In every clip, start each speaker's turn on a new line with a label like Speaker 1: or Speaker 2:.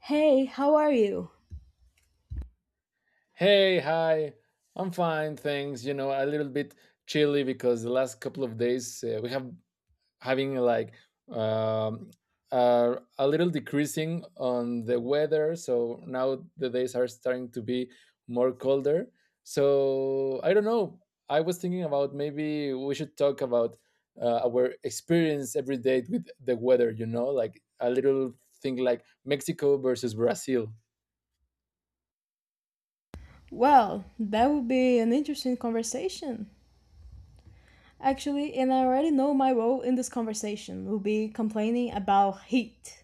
Speaker 1: Hey, how are you?
Speaker 2: Hey, hi. I'm fine, thanks. You know, a little bit chilly because the last couple of days we have having um, a little decreasing on the weather. So now the days are starting to be more colder. So I don't know. I was thinking about maybe we should talk about our experience every day with the weather. You know, like a little thing like Mexico versus Brazil.
Speaker 1: Well, that would be an interesting conversation. Actually, and I already know my role in this conversation will be complaining about heat.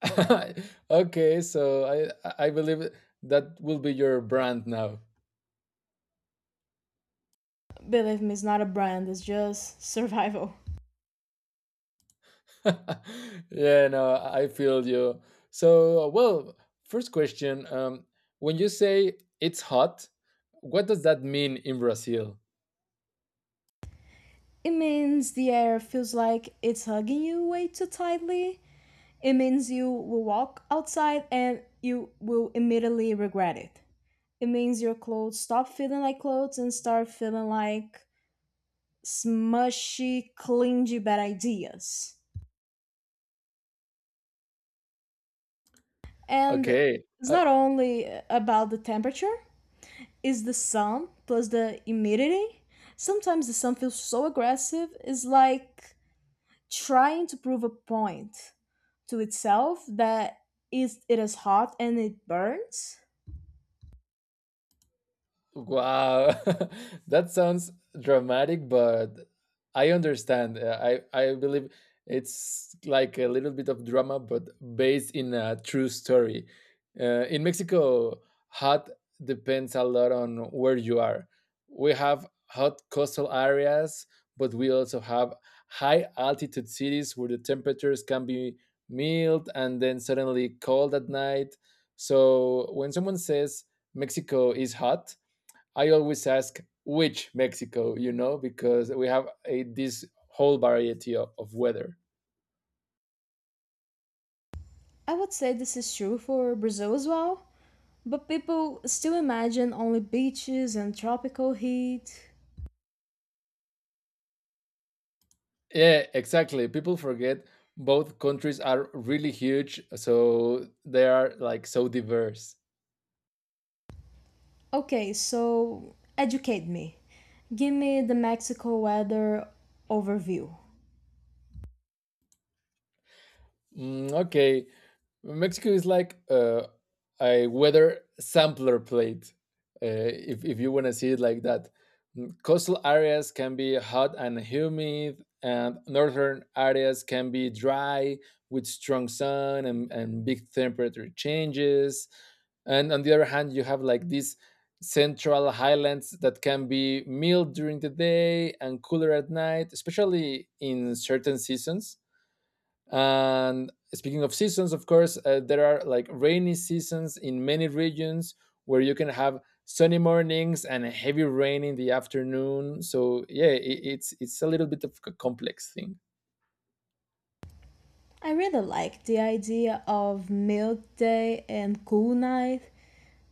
Speaker 2: Okay, so I believe that will be your brand now.
Speaker 1: Believe me, it's not a brand, it's just survival.
Speaker 2: yeah, no, I feel you. So, well, first question, when you say it's hot, what does that mean in Brazil?
Speaker 1: It means the air feels like it's hugging you way too tightly. It means you will walk outside and you will immediately regret it. It means your clothes stop feeling like clothes and start feeling like smushy, clingy bad ideas. And
Speaker 2: Okay.
Speaker 1: it's
Speaker 2: uh,
Speaker 1: not only about the temperature, it's the sun plus the humidity. Sometimes the sun feels so aggressive, it's like trying to prove a point to itself that is it is hot and it burns.
Speaker 2: Wow, that sounds dramatic, but I understand. I believe it's like a little bit of drama, but based in a true story. In Mexico, hot depends a lot on where you are. We have hot coastal areas, but we also have high altitude cities where the temperatures can be mild and then suddenly cold at night. So when someone says Mexico is hot, I always ask which Mexico, you know, because we have this whole variety of weather.
Speaker 1: I would say this is true for Brazil as well, but people still imagine only beaches and tropical heat.
Speaker 2: Yeah, exactly. People forget both countries are really huge, so they are like so diverse.
Speaker 1: Okay, so educate me. Give me the Mexico weather overview.
Speaker 2: Okay, Mexico is like a weather sampler plate. If you want to see it like that, coastal areas can be hot and humid, and northern areas can be dry with strong sun and big temperature changes. And on the other hand, you have like these central highlands that can be mild during the day and cooler at night, especially in certain seasons, and speaking of seasons, of course, there are like rainy seasons in many regions where you can have sunny mornings and heavy rain in the afternoon. So yeah, I it's a little bit of a complex thing.
Speaker 1: I really like the idea of milk day and cool night.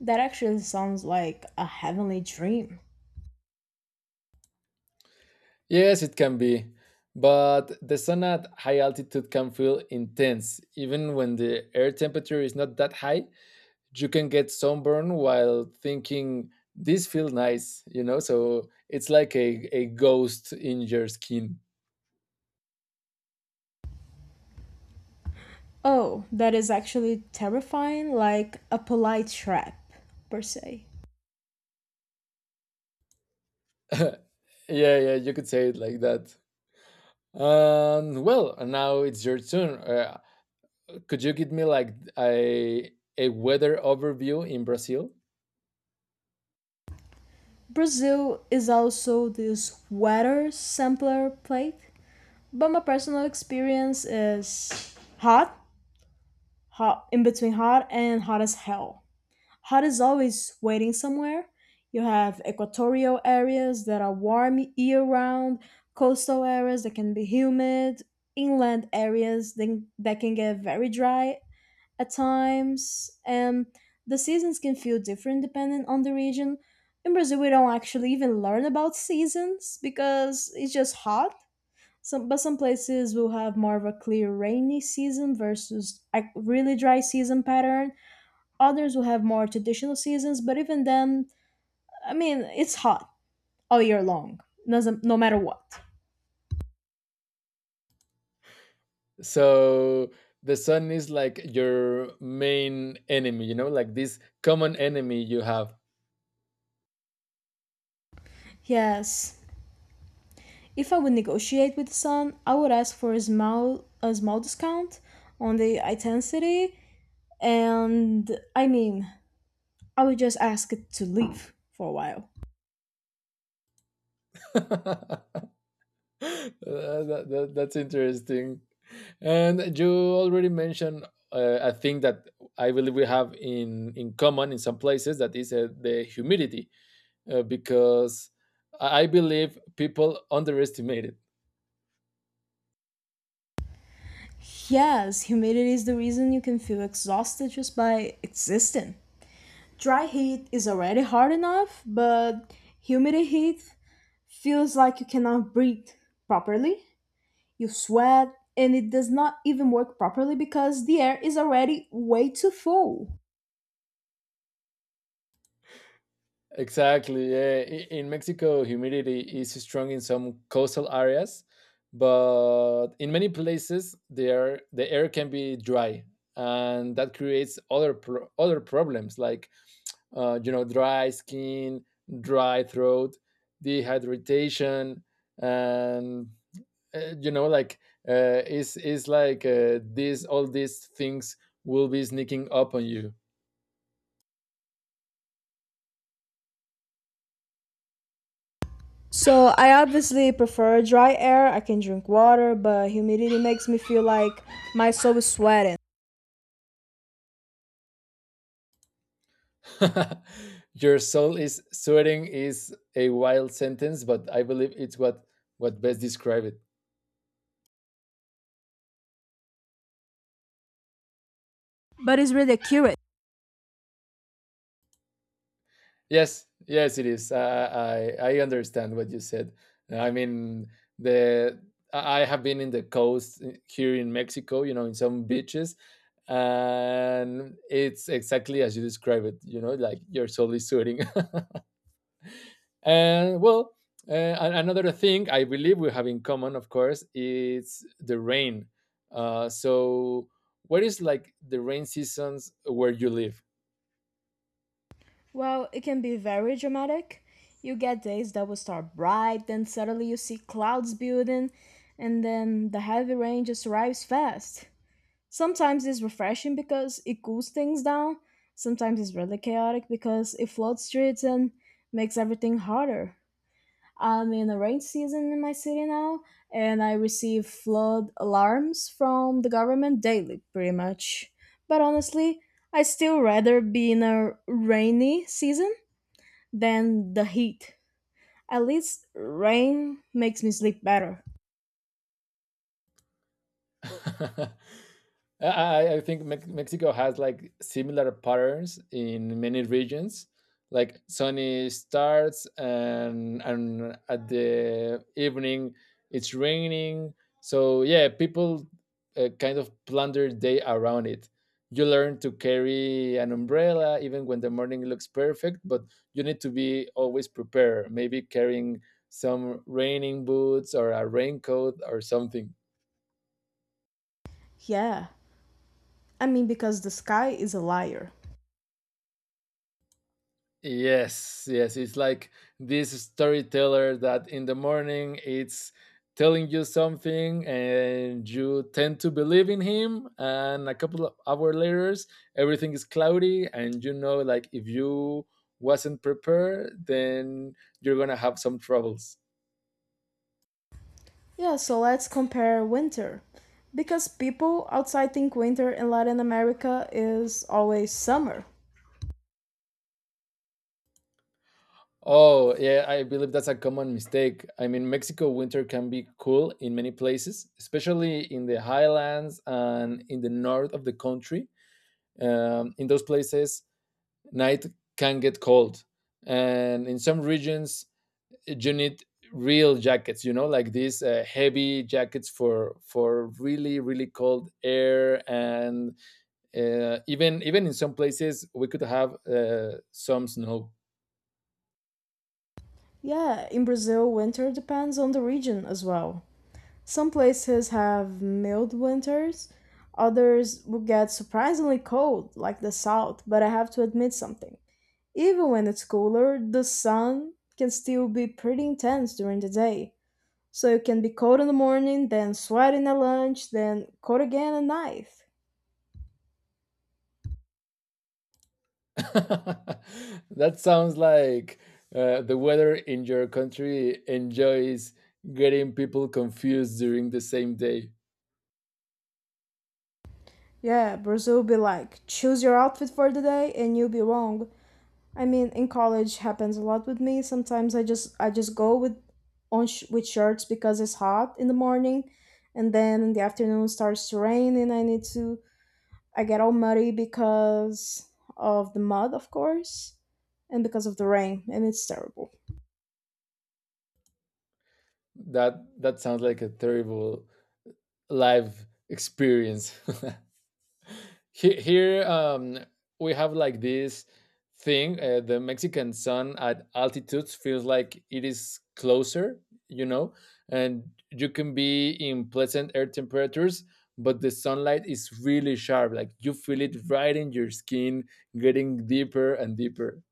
Speaker 1: That actually sounds like a heavenly dream.
Speaker 2: Yes, it can be. But the sun at high altitude can feel intense. Even when the air temperature is not that high, you can get sunburn while thinking, this feels nice, you know? So it's like a ghost in your skin.
Speaker 1: Oh, that is actually terrifying, like a polite trap, per se.
Speaker 2: yeah, yeah, you could say it like that. Well, now it's your turn. Could you give me like a weather overview in Brazil?
Speaker 1: Brazil is also this weather sampler plate, but my personal experience is hot, hot in between hot and hot as hell. Hot is always waiting somewhere. You have equatorial areas that are warm year round, coastal areas that can be humid, inland that can get very dry at times, and the seasons can feel different depending on the region. In Brazil, we don't actually even learn about seasons because it's just hot. But some places will have more of a clear rainy season versus a really dry season pattern. Others will have more traditional seasons, but even then, I mean, it's hot all year long, no matter what.
Speaker 2: So the sun is like your main enemy, you know, like this common enemy you have.
Speaker 1: Yes, if I would negotiate with the sun, I would ask for a small discount on the intensity, and I mean, I would just ask it to leave for a while.
Speaker 2: That's interesting. And you already mentioned a thing that I believe we have in common in some places that is the humidity. Because I believe people underestimate it.
Speaker 1: Yes, humidity is the reason you can feel exhausted just by existing. Dry heat is already hard enough, but humid heat feels like you cannot breathe properly. You sweat, and it does not even work properly because the air is already way too full.
Speaker 2: Exactly. Yeah. In Mexico, humidity is strong in some coastal areas, but in many places, the air can be dry, and that creates other problems like you know, dry skin, dry throat, dehydration, and you know, like it's like these all these things will be sneaking up on you.
Speaker 1: So I obviously prefer dry air. I can drink water, but humidity makes me feel like my soul is sweating.
Speaker 2: Your soul is sweating is a wild sentence, but I believe it's what best describe it.
Speaker 1: But it's really accurate.
Speaker 2: Yes, yes, it is. I understand what you said. I mean, the I have been in the coast here in Mexico, you know, in some beaches, and it's exactly as you describe it. You know, like your soul is sweating. and well, uh, another thing I believe we have in common, of course, is the rain. So, what is like the rain seasons where you live?
Speaker 1: Well, it can be very dramatic. You get days that will start bright, then suddenly you see clouds building, and then the heavy rain just arrives fast. Sometimes it's refreshing because it cools things down. Sometimes it's really chaotic because it floods streets and makes everything harder. I'm in a rain season in my city now, and I receive flood alarms from the government daily, pretty much. But honestly, I still rather be in a rainy season than the heat. At least rain makes me sleep better.
Speaker 2: I Mexico has like similar patterns in many regions, like sunny starts and at the evening it's raining. So yeah, people kind of plan their day around it. You learn to carry an umbrella even when the morning looks perfect, but you need to be always prepared. Maybe carrying some raining boots or a raincoat or something.
Speaker 1: Yeah, I mean, because the sky is a liar.
Speaker 2: Yes, yes, it's like this storyteller that in the morning it's telling you something and you tend to believe in him and a couple of hours later everything is cloudy and you know like if you wasn't prepared then you're going to have some troubles.
Speaker 1: Yeah, so let's compare winter. Because people outside think winter in Latin America is always summer.
Speaker 2: Oh, yeah, I believe that's a common mistake. I mean, Mexico winter can be cool in many places, especially in the highlands and in the north of the country. In those places, night can get cold, and in some regions, you need real jackets. You know, like these heavy jackets for really really cold air, and even in some places, we could have some snow.
Speaker 1: Yeah, in Brazil, winter depends on the region as well. Some places have mild winters, others will get surprisingly cold, like the south, but I have to admit something. Even when it's cooler, the sun can still be pretty intense during the day. So you can be cold in the morning, then sweating at lunch, then cold again at night.
Speaker 2: That sounds like the weather in your country enjoys getting people confused during the same day.
Speaker 1: Yeah, Brazil be like, choose your outfit for the day and you'll be wrong. I mean, in college happens a lot with me. Sometimes I just go with with shirts because it's hot in the morning, and then in the afternoon it starts to rain and I need to I get all muddy because of the mud, of course, and because of the rain, and it's terrible.
Speaker 2: That that sounds like a terrible life experience. here, here we have like this thing. The Mexican sun at altitudes feels like it is closer, you know, and you can be in pleasant air temperatures, but the sunlight is really sharp. Like you feel it right in your skin, getting deeper and deeper.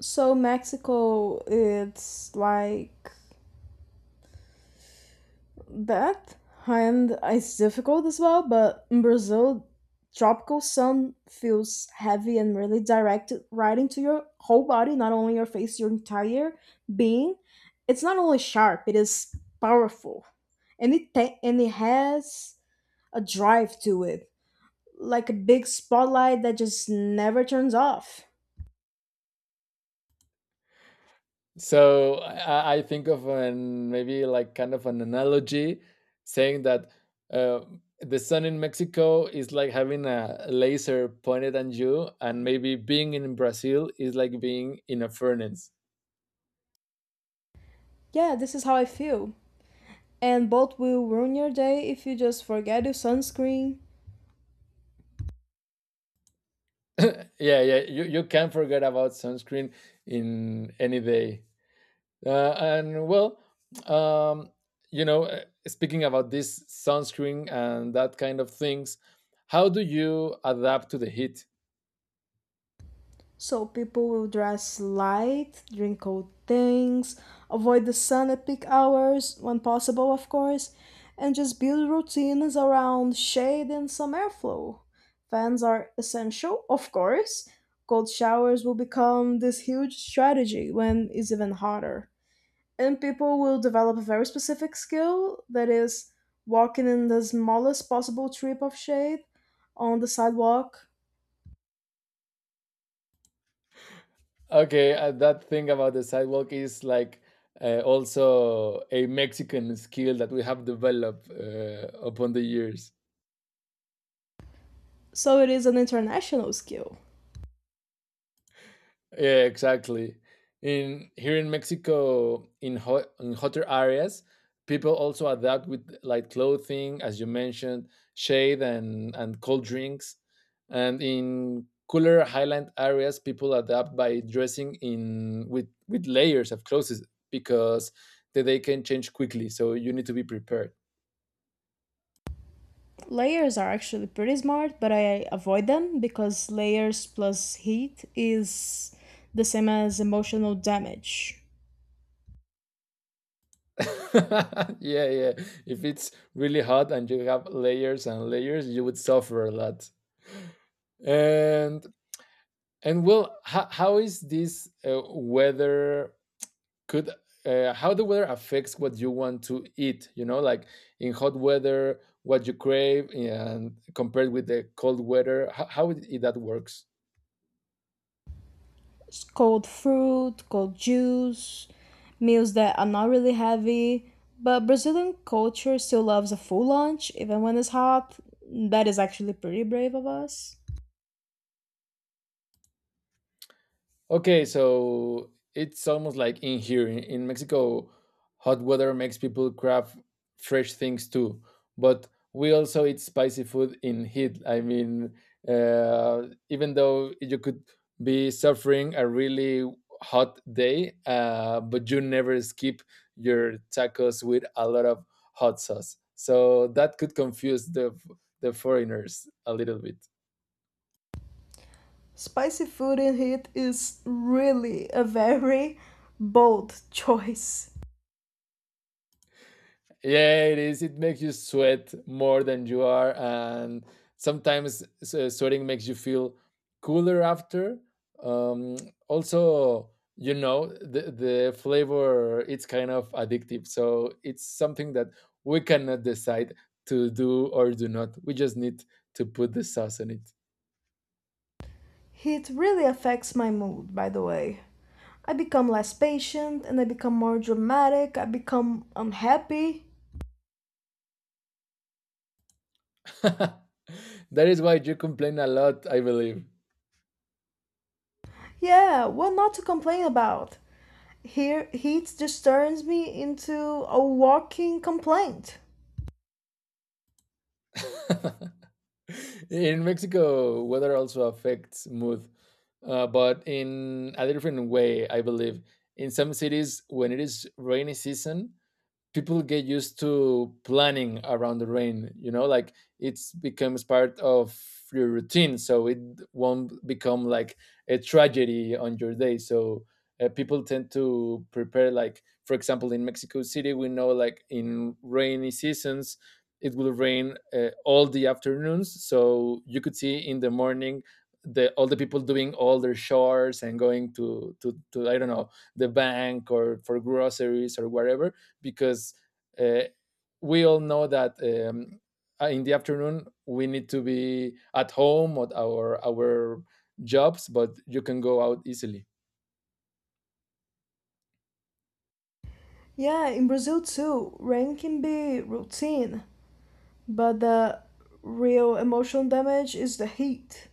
Speaker 1: So Mexico, it's like that, and it's difficult as well, but in Brazil, tropical sun feels heavy and really direct, right into your whole body, not only your face, your entire being. It's not only sharp; it is powerful, and it has a drive to it, like a big spotlight that just never turns off.
Speaker 2: So I think of an maybe like kind of an analogy saying that uh, the sun in Mexico is like having a laser pointed at you, and maybe being in Brazil is like being in a furnace.
Speaker 1: Yeah, this is how I feel. And both will ruin your day if you just forget your sunscreen.
Speaker 2: yeah, yeah, you can't forget about sunscreen in any day. And well, um, you know, speaking about this sunscreen and that kind of things, how do you adapt to the heat?
Speaker 1: So people will dress light, drink cold things, avoid the sun at peak hours when possible, of course, and just build routines around shade and some airflow. Fans are essential, of course. Cold showers will become this huge strategy when it's even hotter. And people will develop a very specific skill that is walking in the smallest possible strip of shade on the sidewalk.
Speaker 2: Okay, that thing about the sidewalk is like also a Mexican skill that we have developed upon the years.
Speaker 1: So it is an international skill.
Speaker 2: Yeah, exactly. In here in Mexico, in hotter areas, people also adapt with light clothing, as you mentioned, shade and cold drinks. And in cooler highland areas, people adapt by dressing in with layers of clothes because the day can change quickly. So you need to be prepared.
Speaker 1: Layers are actually pretty smart, but I avoid them because layers plus heat is the same as emotional damage.
Speaker 2: yeah, yeah. If it's really hot and you have layers and layers, you would suffer a lot. And And well, how is this weather could how the weather affects what you want to eat? You know, like in hot weather, what you crave, and compared with the cold weather, how that works?
Speaker 1: Cold fruit, cold juice, meals that are not really heavy. But Brazilian culture still loves a full lunch, even when it's hot. That is actually pretty brave of us.
Speaker 2: Okay, so it's almost like in here in Mexico, hot weather makes people crave fresh things too. But we also eat spicy food in heat. I mean, even though you could be suffering a really hot day, but you never skip your tacos with a lot of hot sauce. So that could confuse the foreigners a little bit.
Speaker 1: Spicy food in heat is really a very bold choice.
Speaker 2: Yeah, it is. It makes you sweat more than you are, and sometimes sweating makes you feel cooler after. Um, also, you know, the flavor it's kind of addictive, so it's something that we cannot decide to do or do not. We just need to put the sauce on it.
Speaker 1: Heat really affects my mood, by the way. I become less patient and I become more dramatic, I become unhappy.
Speaker 2: that is why you complain a lot, I believe.
Speaker 1: Yeah, what not to complain about? Here, heat just turns me into a walking complaint.
Speaker 2: in Mexico, weather also affects mood, but in a different way, I believe. In some cities, when it is rainy season, people get used to planning around the rain, you know, like it's becomes part of your routine, so it won't become like a tragedy on your day. So people tend to prepare, like for example in Mexico City we know like in rainy seasons it will rain all the afternoons, so you could see in the morning the all the people doing all their chores and going to I don't know, the bank or for groceries or whatever, because uh, we all know that in the afternoon we need to be at home at our jobs, but you can go out easily.
Speaker 1: Yeah, in Brazil too, rain can be routine, but the real emotional damage is the heat.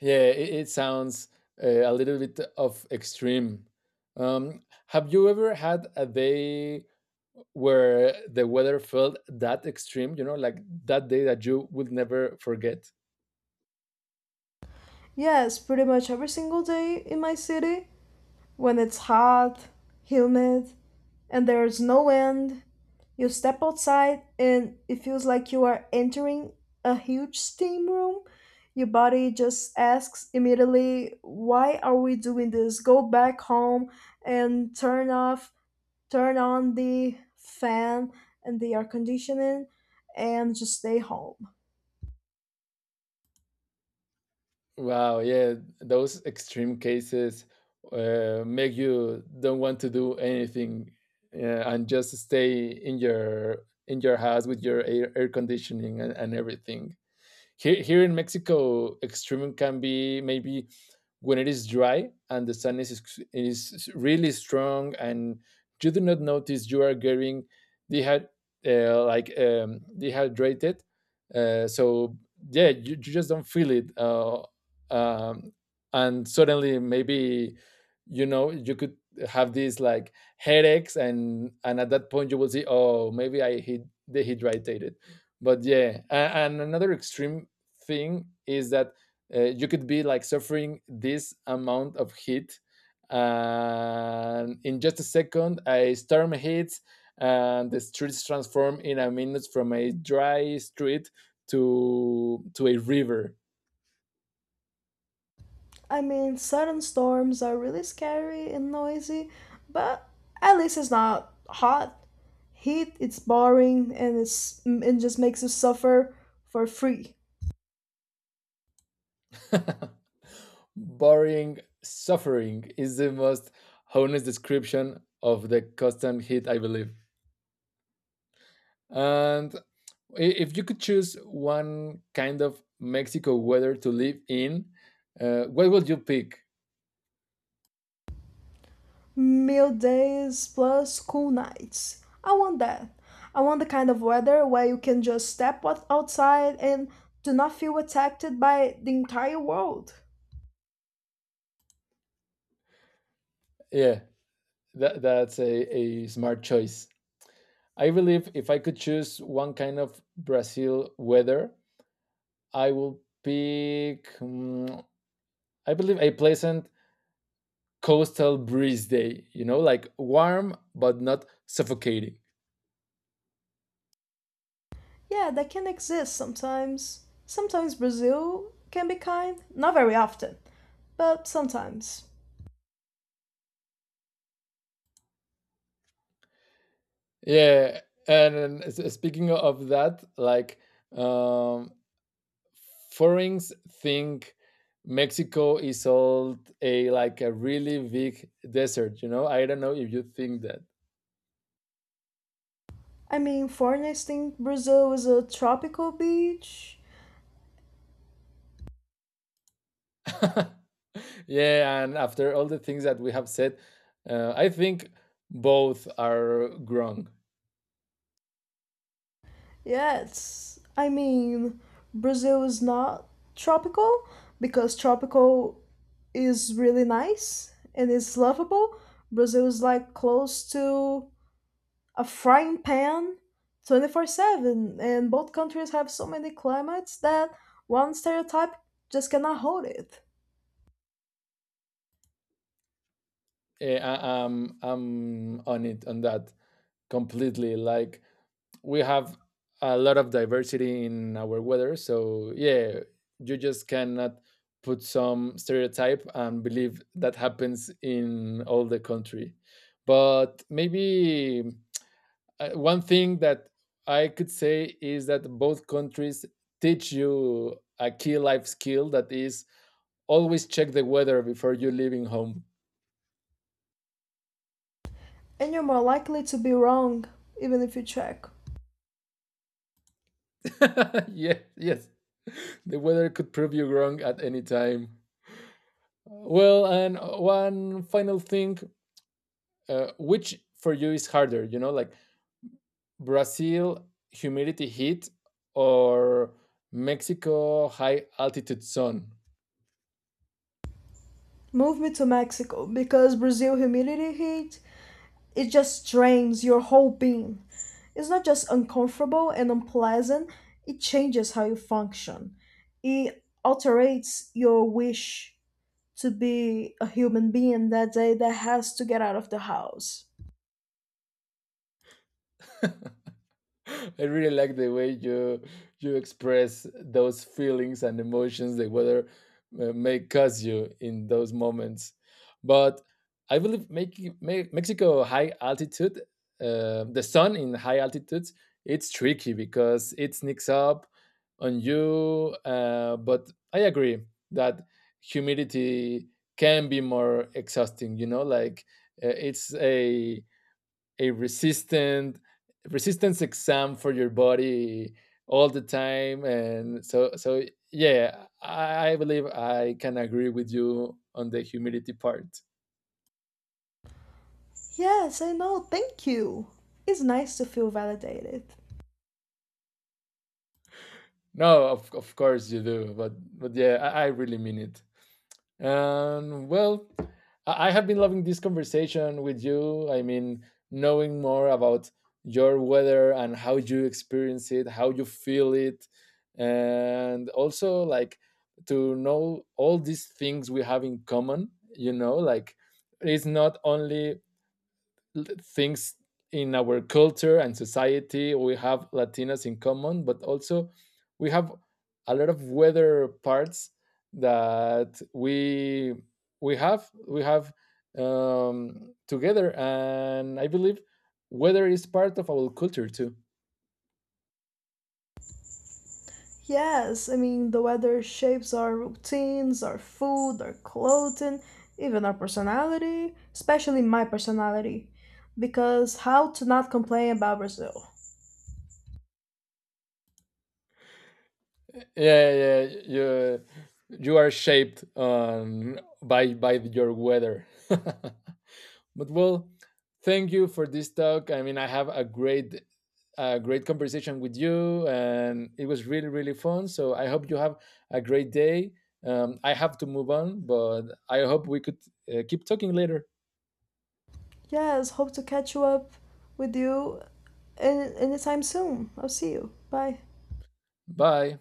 Speaker 2: Yeah, it sounds a little bit of extreme. Um, have you ever had a day where the weather felt that extreme? You know, like that day that you would never forget.
Speaker 1: Yes, pretty much every single day in my city. When it's hot, humid, and there's no wind, you step outside and it feels like you are entering a huge steam room. Your body just asks immediately, why are we doing this? Go back home and turn on the fan and the air conditioning and just stay home.
Speaker 2: Wow, yeah, those extreme cases make you don't want to do anything and just stay in your house with your air conditioning and everything. Here, here in Mexico, extreme can be maybe when it is dry and the sadness is really strong and you do not notice you are getting dehyd- dehydrated. So yeah, you just don't feel it, um, and suddenly maybe you know you could have these like headaches and at that point you will see oh maybe dehydrated. But yeah, and another extreme thing is that you could be like suffering this amount of heat and in just a second a storm hits and the streets transform in a minute from a dry street to a river.
Speaker 1: I mean, sudden storms are really scary and noisy, but at least it's not hot. Heat, it's boring and it just makes you suffer for free.
Speaker 2: boring suffering is the most honest description of the constant heat, I believe. And if you could choose one kind of Mexico weather to live in, what would you pick?
Speaker 1: Meal days plus cool nights. I want that. I want the kind of weather where you can just step outside and do not feel attacked by the entire world.
Speaker 2: Yeah. That, that's a smart choice. I believe if I could choose one kind of Brazil weather, I will pick, mm, I believe, a pleasant coastal breeze day, you know, like warm but not suffocating.
Speaker 1: Yeah, that can exist sometimes. Sometimes Brazil can be kind, not very often, but sometimes.
Speaker 2: Yeah. And, speaking of that, like um, foreigners think Mexico is all a like a really big desert, you know. I don't know if you think that.
Speaker 1: I mean, foreigners think Brazil is a tropical beach.
Speaker 2: yeah, and after all the things that we have said, I think both are wrong.
Speaker 1: Yes. I mean, Brazil is not tropical because tropical is really nice and is lovable. Brazil is like close to a frying pan 24/7, and both countries have so many climates that one stereotype just cannot hold it.
Speaker 2: Eh, I, I'm on it on that completely. Like we have a lot of diversity in our weather, so yeah, you just cannot put some stereotype and believe that happens in all the country. But maybe one thing that I could say is that both countries teach you a key life skill that is always check the weather before you leaving home.
Speaker 1: And you're more likely to be wrong even if you check.
Speaker 2: yes, yes, the weather could prove you wrong at any time. Well, and one final thing, which for you is harder? You know, like Brazil humidity heat or Mexico high altitude sun.
Speaker 1: Move me to Mexico because Brazil humidity heat it just drains your whole being. It's not just uncomfortable and unpleasant, it changes how you function. It alterates your wish to be a human being that day that has to get out of the house.
Speaker 2: I really like the way you express those feelings and emotions the weather may cause you in those moments. But I believe making Mexico high altitude, the sun in high altitudes, it's tricky because it sneaks up on you. But I agree that humidity can be more exhausting. You know, like it's a resistant resistance exam for your body all the time, and so yeah, I believe I can agree with you on the humidity part.
Speaker 1: Yes, I know, thank you. It's nice to feel validated.
Speaker 2: No, of course you do, but yeah, I really mean it. And well, I have been loving this conversation with you. I mean, knowing more about your weather and how you experience it, how you feel it, and also like to know all these things we have in common, you know, like it's not only things in our culture and society we have latinas in common, but also we have a lot of weather parts that we have together, and I believe weather is part of our culture too.
Speaker 1: Yes, I mean, the weather shapes our routines, our food, our clothing, even our personality, especially my personality. Because how to not complain about Brazil?
Speaker 2: Yeah, you are shaped by your weather. But well, thank you for this talk. I mean, I have a great conversation with you, and it was really, really fun. So I hope you have a great day. I have to move on, but I hope we could keep talking later.
Speaker 1: Yes, hope to catch you up with you anytime soon. I'll see you. Bye.
Speaker 2: Bye.